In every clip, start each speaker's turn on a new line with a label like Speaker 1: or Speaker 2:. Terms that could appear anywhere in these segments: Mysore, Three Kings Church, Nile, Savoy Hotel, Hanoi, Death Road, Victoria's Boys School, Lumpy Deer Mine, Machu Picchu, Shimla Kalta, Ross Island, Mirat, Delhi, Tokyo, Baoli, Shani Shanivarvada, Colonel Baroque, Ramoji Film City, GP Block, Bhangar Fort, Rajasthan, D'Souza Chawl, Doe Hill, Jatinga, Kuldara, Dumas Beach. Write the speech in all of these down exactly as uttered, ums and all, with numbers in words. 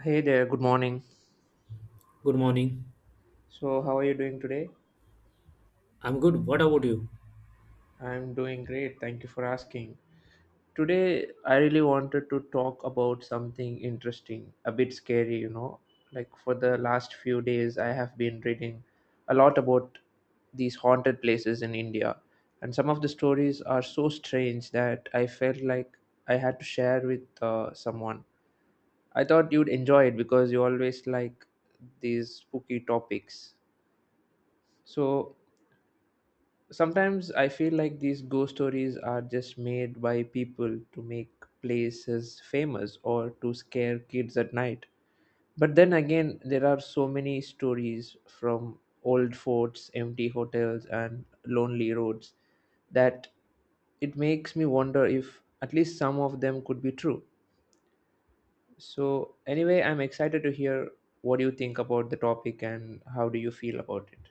Speaker 1: Hey there, good morning.
Speaker 2: Good morning.
Speaker 1: So, how are you doing today?
Speaker 2: I'm good. What about you?
Speaker 1: I'm doing great, thank you for asking. Today, I really wanted to talk about something interesting, a bit scary, you know. Like, for the last few days, I have been reading a lot about these haunted places in India, and some of the stories are so strange that I felt like I had to share with uh, someone. I thought you'd enjoy it because you always like these spooky topics. So, sometimes I feel like these ghost stories are just made by people to make places famous or to scare kids at night, but then again there are so many stories from old forts, empty hotels, and lonely roads that it makes me wonder if at least some of them could be true. So anyway, I'm excited to hear what you think about the topic and how do you feel about it.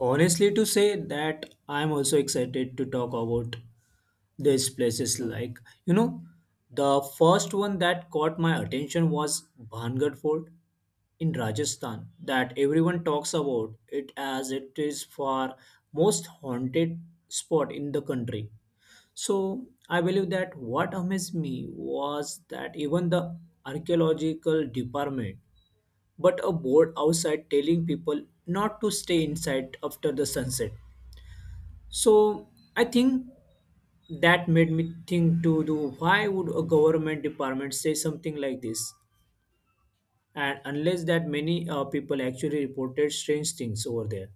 Speaker 2: Honestly, to say that I'm also excited to talk about these places. Like, you know, the first one that caught my attention was Bhangar Fort in Rajasthan, that everyone talks about it as it is far most haunted spot in the country. So I believe that what amazed me was that even the archaeological department but a board outside telling people not to stay inside after the sunset. So I think that made me think to do why would a government department say something like this? And unless that many uh, people actually reported strange things over there.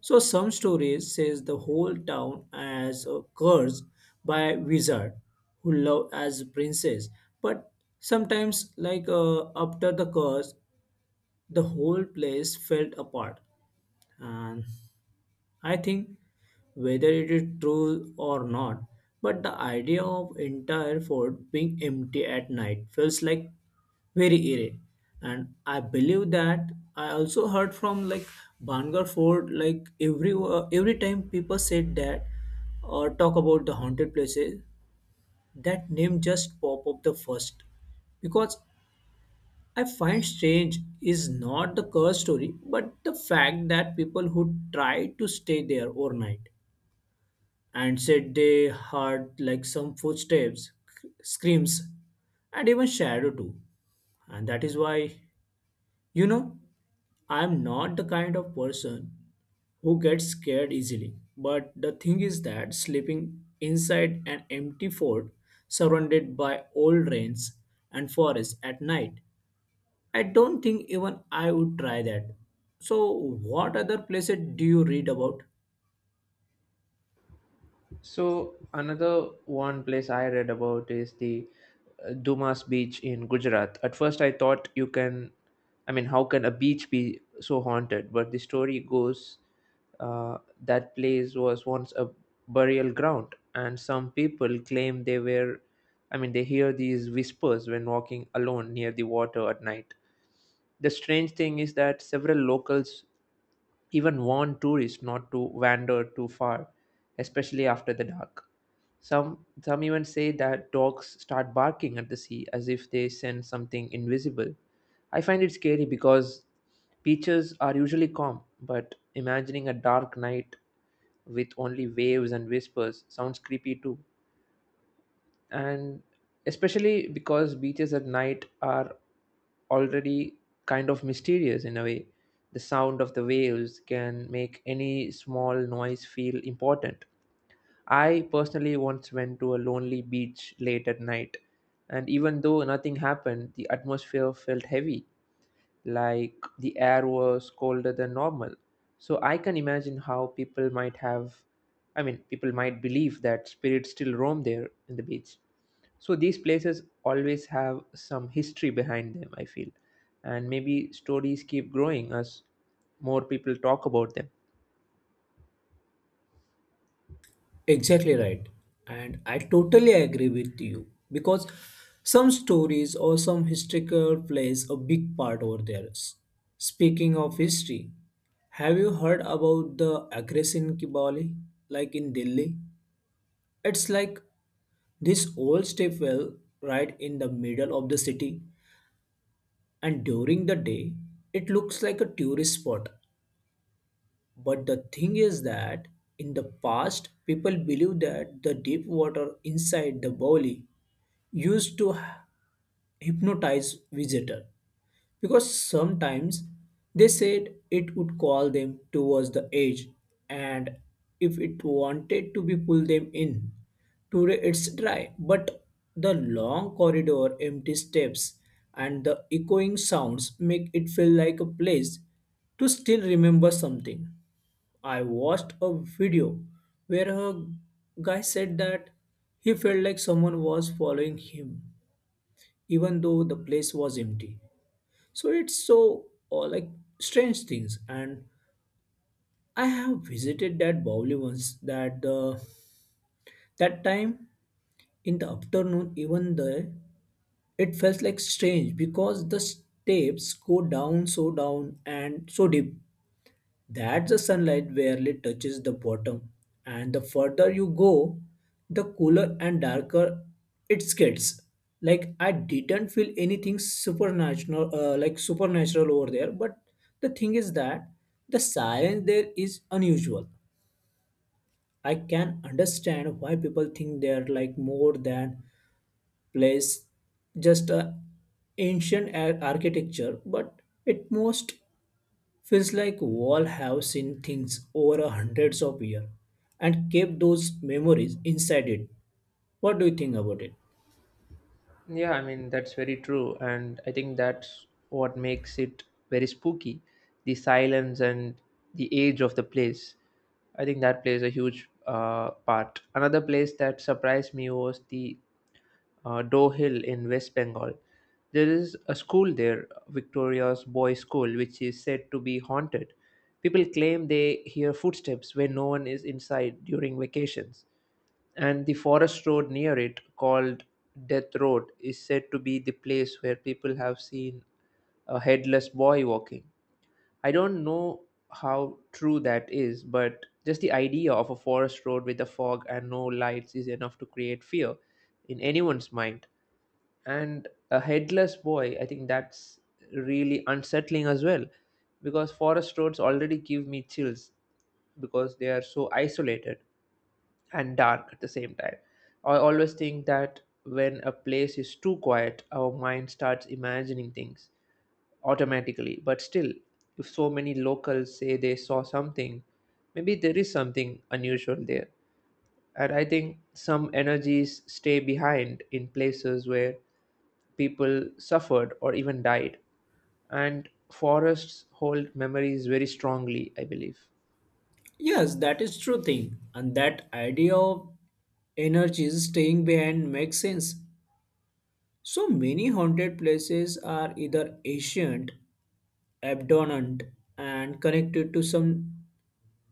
Speaker 2: So some stories says the whole town as a curse by wizard who love as princess. But sometimes like uh, after the curse, the whole place fell apart. And I think whether it is true or not, but the idea of entire fort being empty at night feels like very eerie. And I believe that I also heard from like Bangar Fort, like every uh, every time people said that or talk about the haunted places, that name just pop up the first. Because I find strange is not the curse story, but the fact that people who try to stay there overnight and said they heard like some footsteps, c- screams, and even shadow too. And that is why, you know, I am not the kind of person who gets scared easily. But the thing is that sleeping inside an empty fort surrounded by old rains and forests at night, I don't think even I would try that. So, what other places do you read about?
Speaker 1: So another one place I read about is the uh, Dumas Beach in Gujarat. At first, I thought you can, I mean, how can a beach be so haunted? But the story goes uh, that place was once a burial ground, and some people claim they were, I mean, they hear these whispers when walking alone near the water at night. The strange thing is that several locals even warn tourists not to wander too far, especially after the dark. Some some even say that dogs start barking at the sea as if they sense something invisible. I find it scary because beaches are usually calm, but imagining a dark night with only waves and whispers sounds creepy too. And especially because beaches at night are already kind of mysterious in a way, the sound of the waves can make any small noise feel important. I personally once went to a lonely beach late at night, and even though nothing happened, the atmosphere felt heavy, like the air was colder than normal. So I can imagine how people might have, I mean, people might believe that spirits still roam there in the beach. So these places always have some history behind them, I feel. And maybe stories keep growing as more people talk about them.
Speaker 2: Exactly right. And I totally agree with you because some stories or some historical plays a big part over there. S- Speaking of history, have you heard about the aggression Kibali like in Delhi? It's like this old stepwell right in the middle of the city, and during the day it looks like a tourist spot. But the thing is that in the past people believed that the deep water inside the Bali used to hypnotize visitor, because sometimes they said it would call them towards the edge, and if it wanted to be pull them in. Today it's dry, but the long corridor empty steps and the echoing sounds make it feel like a place to still remember something. I watched a video where a guy said that he felt like someone was following him even though the place was empty. So it's so uh, like strange things. And I have visited that Bowli once. That the that time in the afternoon, even there, it felt like strange because the steps go down so down and so deep that the sunlight barely touches the bottom, and the further you go, the cooler and darker it gets. Like I didn't feel anything supernatural, uh, like supernatural over there. But the thing is that the silence there is unusual. I can understand why people think they're like more than place, just a ancient ar- architecture, but it most feels like all have seen things over a hundreds of years and kept those memories inside it. What do you think about it?
Speaker 1: Yeah, I mean, that's very true. And I think that's what makes it very spooky, the silence and the age of the place. I think that plays a huge uh, part. Another place that surprised me was the uh, Doe Hill in West Bengal. There is a school there, Victoria's Boys School, which is said to be haunted. People claim they hear footsteps when no one is inside during vacations, and the forest road near it, called Death Road, is said to be the place where people have seen a headless boy walking. I don't know how true that is, but just the idea of a forest road with a fog and no lights is enough to create fear in anyone's mind. And a headless boy, I think that's really unsettling as well because forest roads already give me chills because they are so isolated and dark at the same time. I always think that when a place is too quiet, our mind starts imagining things automatically. But still, if so many locals say they saw something, maybe there is something unusual there. And I think some energies stay behind in places where people suffered or even died. And forests hold memories very strongly, I believe.
Speaker 2: Yes, that is true thing. And that idea of energies staying behind makes sense. So many haunted places are either ancient, abandoned, and connected to some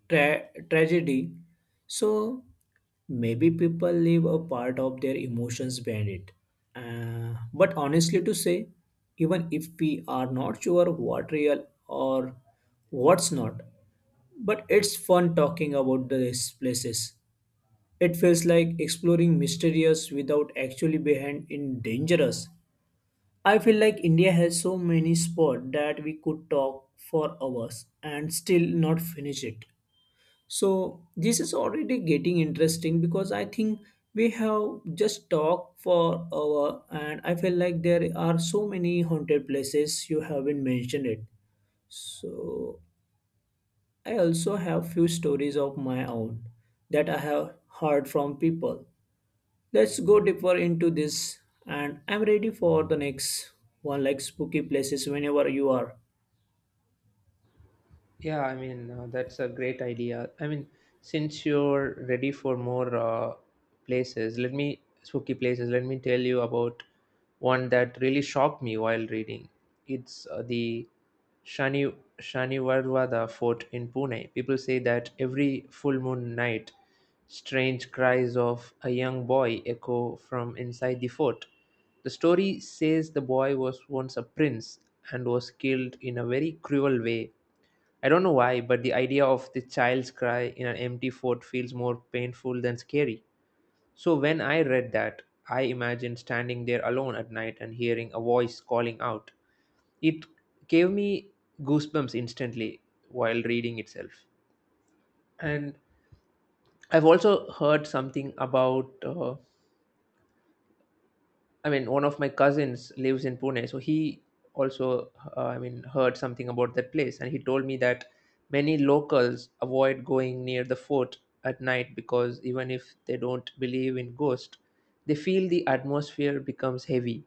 Speaker 2: tra- tragedy. So maybe people leave a part of their emotions behind it. Uh, but honestly, to say, even if we are not sure what real or what's not, but it's fun talking about these places. It feels like exploring mysterious without actually behind in dangerous. I feel like India has so many spots that we could talk for hours and still not finish it. So this is already getting interesting because I think we have just talked for hour and I feel like there are so many haunted places you haven't mentioned it. So I also have few stories of my own that I have heard from people. Let's go deeper into this, and I'm ready for the next one like spooky places whenever you are.
Speaker 1: Yeah, I mean, uh, that's a great idea. I mean, since you're ready for more uh, places, let me, spooky places, let me tell you about one that really shocked me while reading. It's uh, the Shani Shanivarvada fort in Pune. People say that every full moon night, strange cries of a young boy echo from inside the fort. The story says the boy was once a prince and was killed in a very cruel way. I don't know why, but the idea of the child's cry in an empty fort feels more painful than scary. So when I read that, I imagined standing there alone at night and hearing a voice calling out. It gave me goosebumps instantly while reading itself. And I've also heard something about uh, I mean, one of my cousins lives in Pune, so he also, uh, I mean, heard something about that place, and he told me that many locals avoid going near the fort at night because even if they don't believe in ghosts, they feel the atmosphere becomes heavy.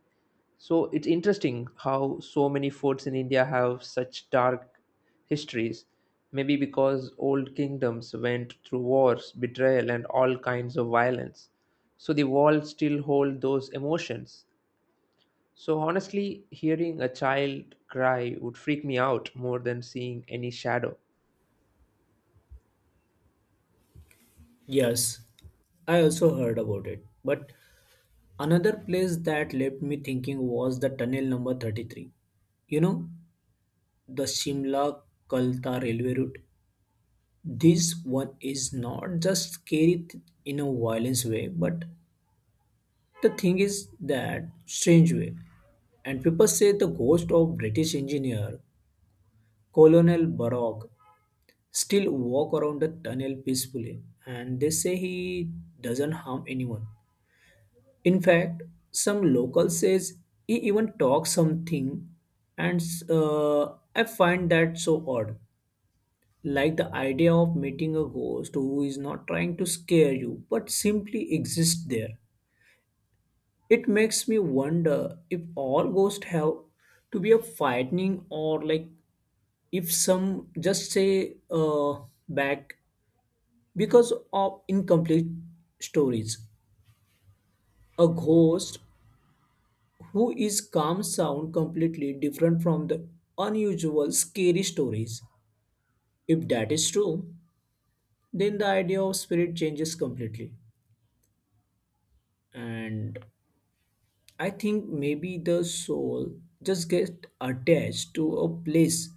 Speaker 1: So it's interesting how so many forts in India have such dark histories. Maybe because old kingdoms went through wars, betrayal, and all kinds of violence, so the walls still hold those emotions. So honestly, hearing a child cry would freak me out more than seeing any shadow.
Speaker 2: Yes, I also heard about it. But another place that left me thinking was the tunnel number thirty-three. You know, the Shimla Kalta railway route. This one is not just scary th- in a violence way, but the thing is that strange way. And people say the ghost of British engineer Colonel Baroque still walk around the tunnel peacefully, and they say he doesn't harm anyone. In fact, some local says he even talks something, and uh, I find that so odd. Like the idea of meeting a ghost who is not trying to scare you but simply exists there. It makes me wonder if all ghosts have to be a frightening, or like if some just say uh, back because of incomplete stories. A ghost who is calm sound completely different from the unusual scary stories? If that is true, then the idea of spirit changes completely. And I think maybe the soul just gets attached to a place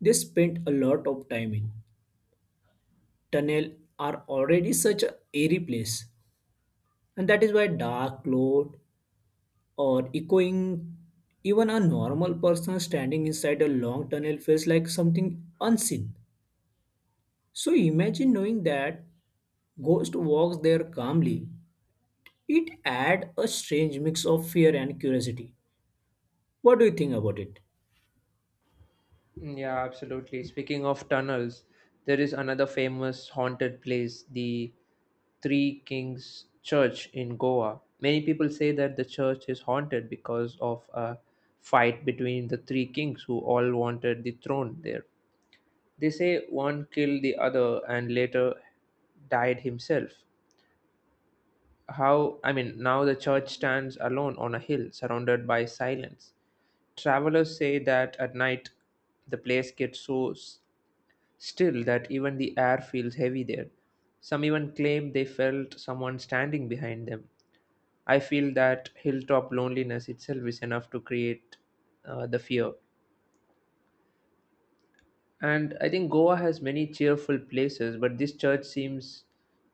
Speaker 2: they spent a lot of time in. Tunnel are already such a airy place. And that is why dark cloud or echoing, even a normal person standing inside a long tunnel feels like something unseen. So imagine knowing that ghost walks there calmly. It add a strange mix of fear and curiosity. What do you think about it?
Speaker 1: Mm, yeah, absolutely. Speaking of tunnels, there is another famous haunted place, the three kings church in Goa. Many people say that the church is haunted because of a fight between the three kings who all wanted the throne there. They say one killed the other and later died himself. How, I mean, now the church stands alone on a hill surrounded by silence. Travelers say that at night the place gets so s- still that even the air feels heavy there. Some even claim they felt someone standing behind them. I feel that hilltop loneliness itself is enough to create uh, the fear. And I think Goa has many cheerful places, but this church seems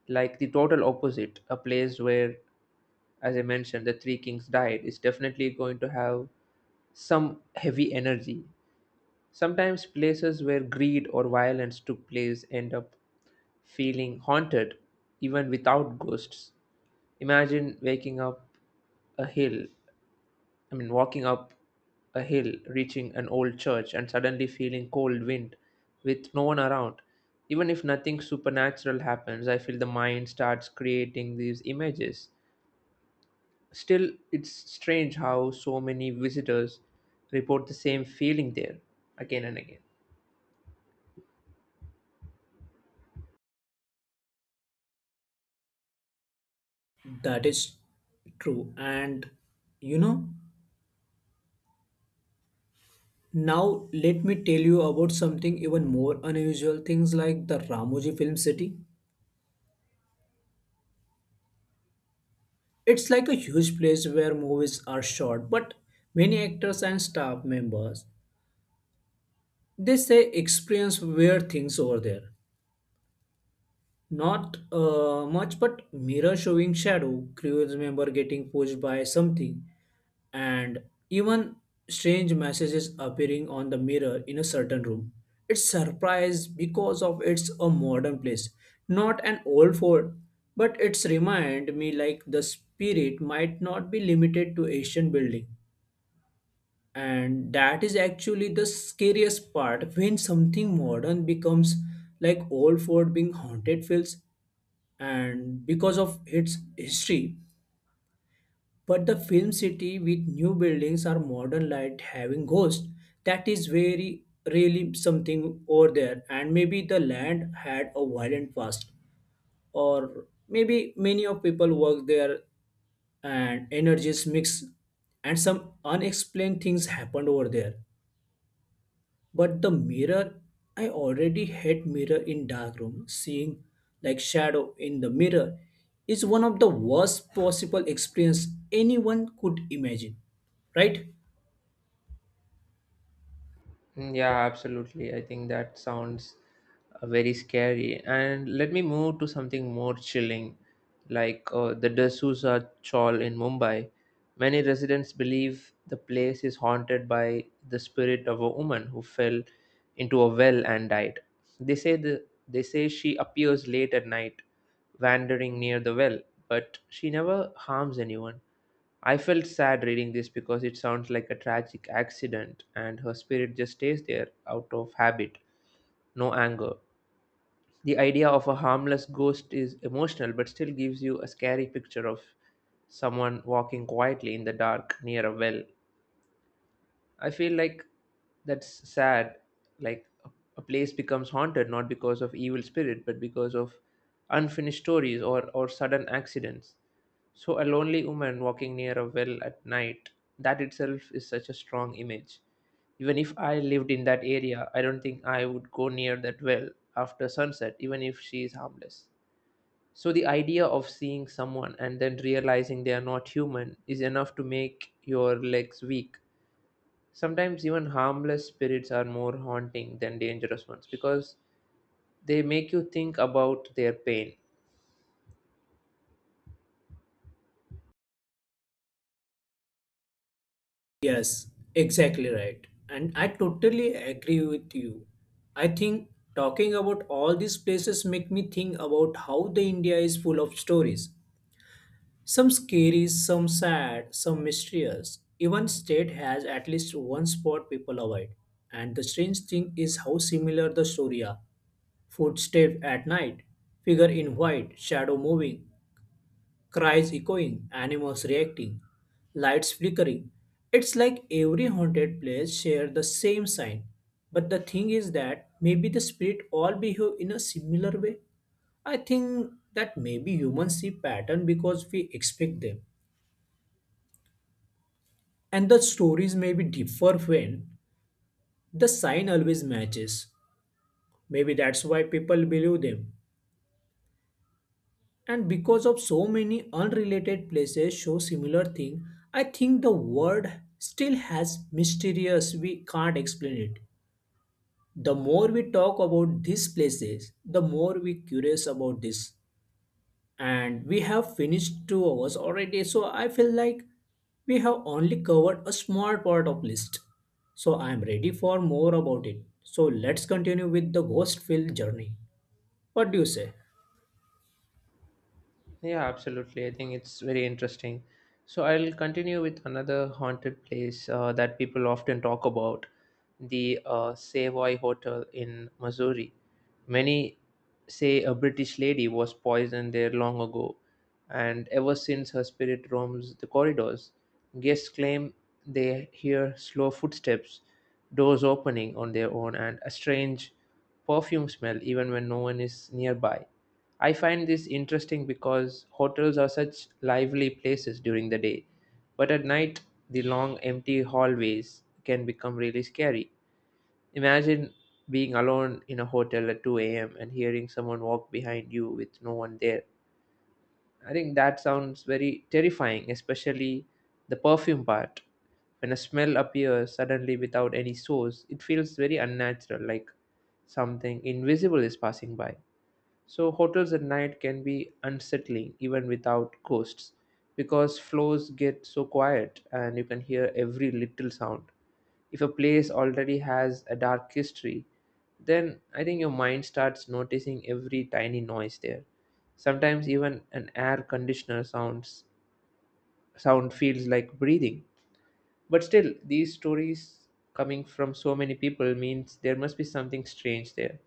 Speaker 1: like the total opposite, a place where, as I mentioned, the Three Kings diet is definitely going to have some heavy energy. Sometimes places where greed or violence took place end up feeling haunted even without ghosts. Imagine waking up a hill, I mean, walking up a hill, reaching an old church, and suddenly feeling cold wind with no one around. Even if nothing supernatural happens, I feel the mind starts creating these images. Still, it's strange how so many visitors report the same feeling there again and again.
Speaker 2: That is true. And you know, now let me tell you about something even more unusual things like the Ramoji Film City. It's like a huge place where movies are shot, but many actors and staff members they say experience weird things over there. Not uh, much, but mirror showing shadow, crew member getting pushed by something, and even strange messages appearing on the mirror in a certain room. It's surprise because of it's a modern place, not an old fort. But it's remind me like the spirit might not be limited to ancient building, and that is actually the scariest part when something modern becomes like old fort being haunted feels and because of its history. But the film city with new buildings or modern light having ghosts, that is very really something over there. And maybe the land had a violent past, or maybe many of people work there and energies mix, and some unexplained things happened over there. But the mirror, I already hate mirror in dark room. Seeing like shadow in the mirror is one of the worst possible experience anyone could imagine. Right?
Speaker 1: Mm, yeah, absolutely. I think that sounds uh, very scary. And let me move to something more chilling, like uh, the D'Souza Chawl in Mumbai. Many residents believe the place is haunted by the spirit of a woman who fell into a well and died. They say the they say she appears late at night, wandering near the well, but she never harms anyone. I felt sad reading this because it sounds like a tragic accident, and her spirit just stays there out of habit, no anger. The idea of a harmless ghost is emotional but still gives you a scary picture of someone walking quietly in the dark near a well. I feel like that's sad. Like a, a place becomes haunted not because of evil spirit, but because of unfinished stories or, or sudden accidents. So a lonely woman walking near a well at night, that itself is such a strong image. Even if I lived in that area, I don't think I would go near that well after sunset, even if she is harmless. So the idea of seeing someone and then realizing they are not human is enough to make your legs weak. Sometimes even harmless spirits are more haunting than dangerous ones because they make you think about their pain.
Speaker 2: Yes, exactly right. And I totally agree with you. I think talking about all these places make me think about how the India is full of stories. Some scary, some sad, some mysterious. Even state has at least one spot people avoid. And the strange thing is how similar the story are. Footsteps at night, figure in white, shadow moving, cries echoing, animals reacting, lights flickering. It's like every haunted place share the same sign. But the thing is that maybe the spirit all behave in a similar way. I think that maybe humans see pattern because we expect them, and the stories maybe differ when the sign always matches. Maybe that's why people believe them, and because of so many unrelated places show similar thing, I think the world still has mysterious we can't explain it. The more we talk about these places, the more we curious about this. And we have finished two hours already, so I feel like we have only covered a small part of list. So I am ready for more about it, so let's continue with the ghost field journey. What do you say?
Speaker 1: Yeah, absolutely. I think it's very interesting. So I'll continue with another haunted place uh, that people often talk about, the uh, Savoy Hotel in Missouri. Many say a British lady was poisoned there long ago, and ever since her spirit roams the corridors. Guests claim they hear slow footsteps, doors opening on their own, and a strange perfume smell even when no one is nearby. I find this interesting because hotels are such lively places during the day, but at night, the long empty hallways can become really scary. Imagine being alone in a hotel at two a m and hearing someone walk behind you with no one there. I think that sounds very terrifying, especially the perfume part. When a smell appears suddenly without any source, it feels very unnatural, like something invisible is passing by. So, hotels at night can be unsettling even without ghosts because floors get so quiet and you can hear every little sound. If a place already has a dark history, then I think your mind starts noticing every tiny noise there. Sometimes even an air conditioner sounds sound feels like breathing. But still, these stories coming from so many people means there must be something strange there.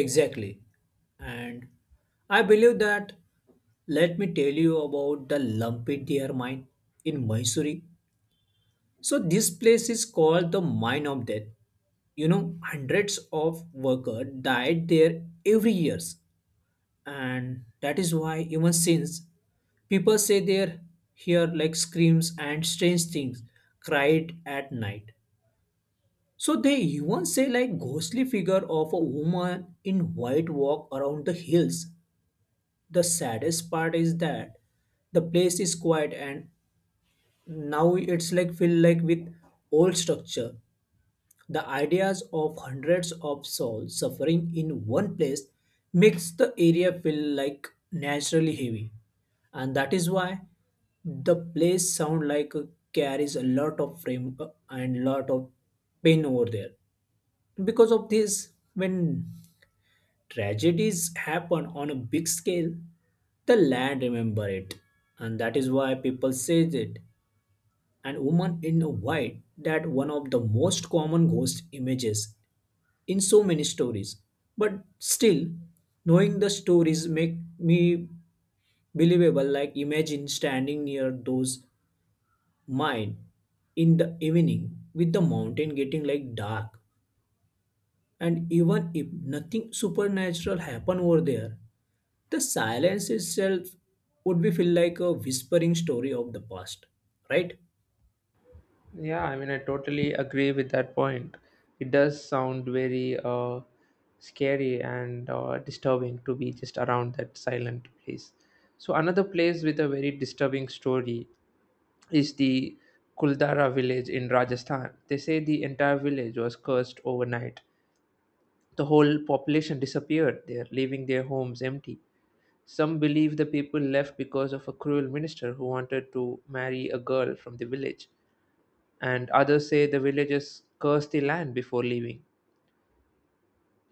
Speaker 2: Exactly. And I believe that, let me tell you about the lumpy deer mine in Mysore. So this place is called the mine of death. You know, hundreds of workers died there every years, and that is why even since people say they hear like screams and strange things cried at night. So they even say like ghostly figure of a woman in white walk around the hills. The saddest part is that the place is quiet, and now it's like filled like with old structure. The ideas of hundreds of souls suffering in one place makes the area feel like naturally heavy, and that is why the place sound like uh, carries a lot of frame uh, and lot of pain over there. Because of this, when tragedies happen on a big scale, the land remember it, and that is why people say it. And woman in white that one of the most common ghost images in so many stories, but still knowing the stories make me believable. Like imagine standing near those mine in the evening with the mountain getting like dark, and even if nothing supernatural happen over there, the silence itself would be feel like a whispering story of the past. Right?
Speaker 1: Yeah, I mean, I totally agree with that point. It does sound very uh, scary and uh, disturbing to be just around that silent place. So, another place with a very disturbing story is the Kuldara village in Rajasthan. They say the entire village was cursed overnight. The whole population disappeared there, leaving their homes empty. Some believe the people left because of a cruel minister who wanted to marry a girl from the village, and others say the villagers curse the land before leaving.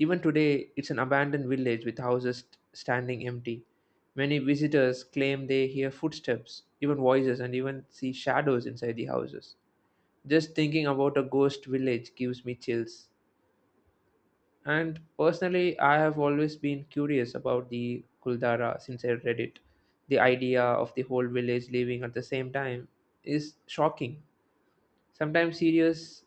Speaker 1: Even today, it's an abandoned village with houses st- standing empty. Many visitors claim they hear footsteps, even voices, and even see shadows inside the houses. Just thinking about a ghost village gives me chills. And personally, I have always been curious about the Kuldara since I read it. The idea of the whole village living at the same time is shocking, sometimes serious.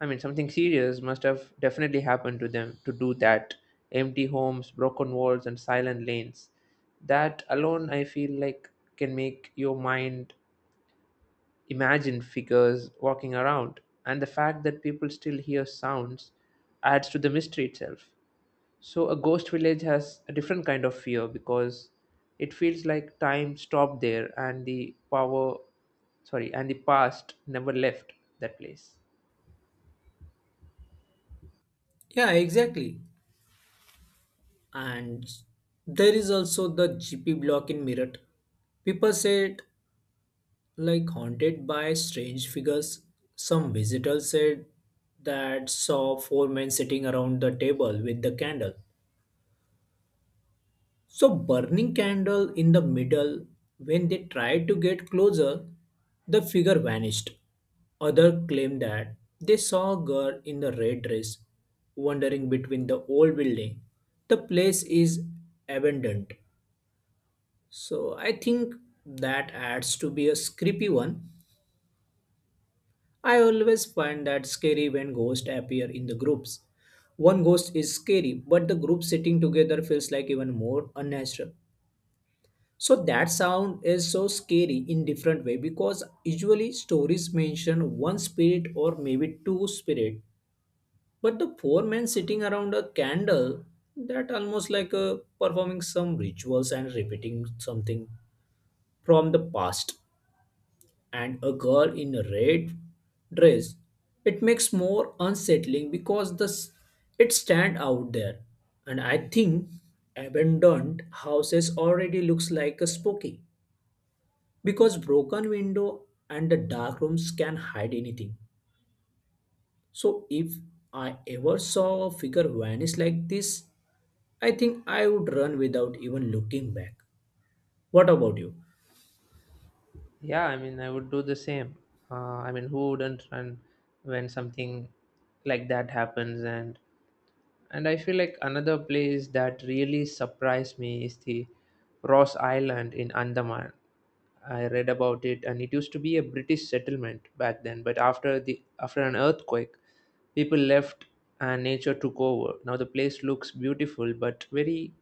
Speaker 1: I mean, something serious must have definitely happened to them to do that. Empty homes, broken walls, and silent lanes. That alone, I feel like, can make your mind imagine figures walking around. And the fact that people still hear sounds adds to the mystery itself. So, a ghost village has a different kind of fear because it feels like time stopped there and the power, sorry, and the past never left that place.
Speaker 2: Yeah, exactly. And there is also the G P block in Mirat. People said like haunted by strange figures. Some visitors said that saw four men sitting around the table with the candle. So burning candle in the middle. When they tried to get closer, the figure vanished. Other claimed that they saw a girl in the red dress wandering between the old building. The place is abandoned. So I think that adds to be a creepy one. I always find that scary when ghosts appear in the groups. One ghost is scary, but the group sitting together feels like even more unnatural. So that sound is so scary in different way, because usually stories mention one spirit or maybe two spirit, but the four men sitting around a candle, that almost like uh, performing some rituals and repeating something from the past. And a girl in a red dress, it makes more unsettling because the s- it stand out there. And I think abandoned houses already looks like a spooky, because broken window and the dark rooms can hide anything. So if I ever saw a figure vanish like this, I think I would run without even looking back. What about you?
Speaker 1: Yeah, I mean, I would do the same. Uh, I mean, who wouldn't run when something like that happens? And and I feel like another place that really surprised me is the Ross Island in Andaman. I read about it, and it used to be a British settlement back then. But after the after an earthquake, people left, and nature took over. Now the place looks beautiful, but very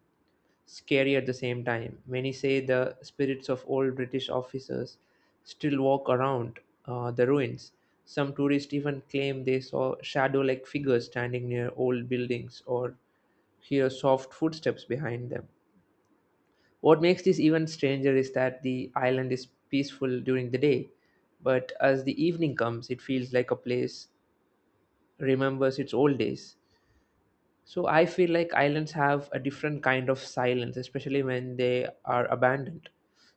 Speaker 1: scary at the same time. Many say the spirits of old British officers still walk around uh, the ruins. Some tourists even claim they saw shadow like figures standing near old buildings or hear soft footsteps behind them. What makes this even stranger is that the island is peaceful during the day, but as the evening comes, it feels like a place remembers its old days. So I feel like islands have a different kind of silence, especially when they are abandoned.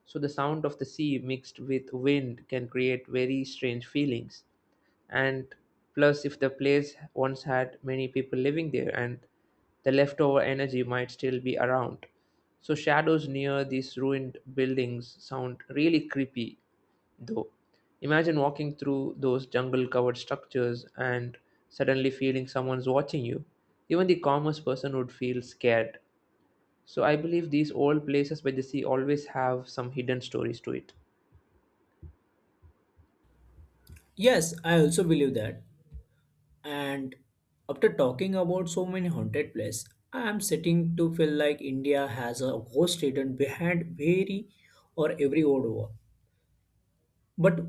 Speaker 1: So the sound of the sea mixed with wind can create very strange feelings. And plus, if the place once had many people living there, and the leftover energy might still be around. So shadows near these ruined buildings sound really creepy though. Imagine walking through those jungle covered structures and suddenly feeling someone's watching you. Even the calmest person would feel scared. So I believe these old places by the sea always have some hidden stories to it.
Speaker 2: Yes, I also believe that. And after talking about so many haunted places, I am starting to feel like India has a ghost hidden behind very or every old wall. But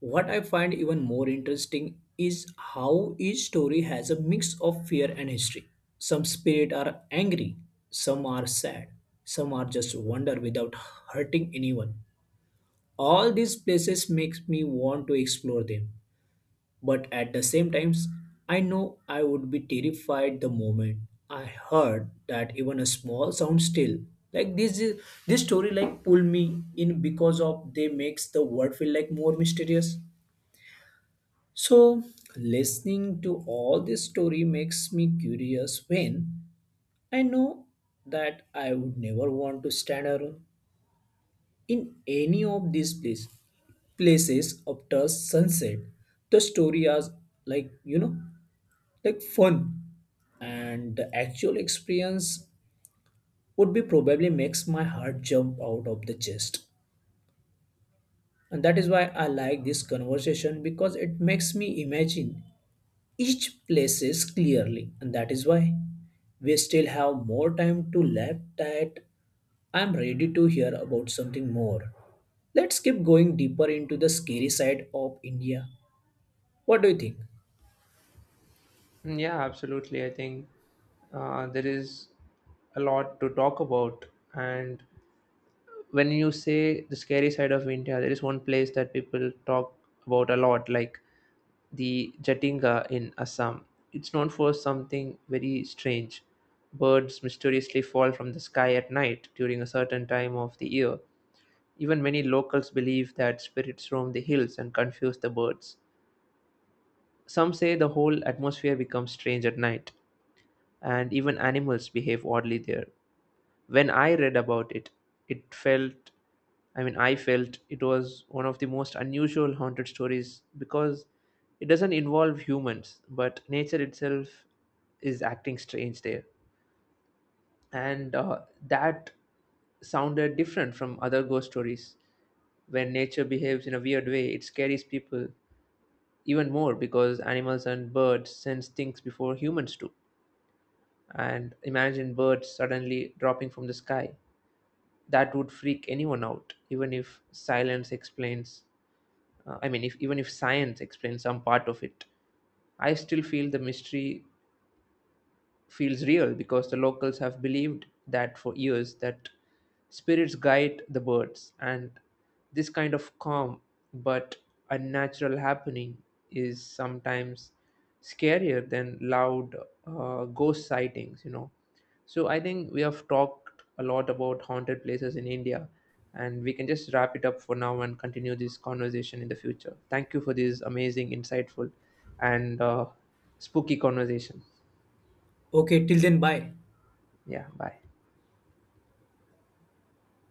Speaker 2: what I find even more interesting is how each story has a mix of fear and history. Some spirits are angry, some are sad, some are just wonder without hurting anyone. All these places makes me want to explore them, but at the same times, I know I would be terrified the moment I heard that even a small sound still, like this is- this story like pull me in because of they makes the world feel like more mysterious. So listening to all this story makes me curious when I know that I would never want to stand alone in any of these places places after sunset. The story is like you know like fun, and the actual experience would be probably makes my heart jump out of the chest. And that is why I like this conversation, because it makes me imagine each places clearly. And that is why we still have more time to laugh at, I'm ready to hear about something more. Let's keep going deeper into the scary side of India. What do you think?
Speaker 1: Mm, yeah, absolutely. I think uh, there is a lot to talk about. And when you say the scary side of India, there is one place that people talk about a lot. Like the Jatinga in Assam. It's known for something very strange. Birds mysteriously fall from the sky at night during a certain time of the year. Even many locals believe that spirits roam the hills and confuse the birds. Some say the whole atmosphere becomes strange at night, and even animals behave oddly there. When I read about it, it felt, I mean, I felt it was one of the most unusual haunted stories because it doesn't involve humans, but nature itself is acting strange there. And uh, That sounded different from other ghost stories. When nature behaves in a weird way, it scares people even more because animals and birds sense things before humans do. And imagine birds suddenly dropping from the sky. That would freak anyone out. Even if silence explains uh, I mean if even if science explains some part of it, I still feel the mystery feels real because the locals have believed that for years that spirits guide the birds. And this kind of calm but unnatural happening is sometimes scarier than loud uh, ghost sightings, you know. So I think we have talked a lot about haunted places in India, and we can just wrap it up for now and continue this conversation in the future. Thank you for this amazing, insightful and uh, spooky conversation.
Speaker 2: Okay, till then, bye.
Speaker 1: Yeah, bye.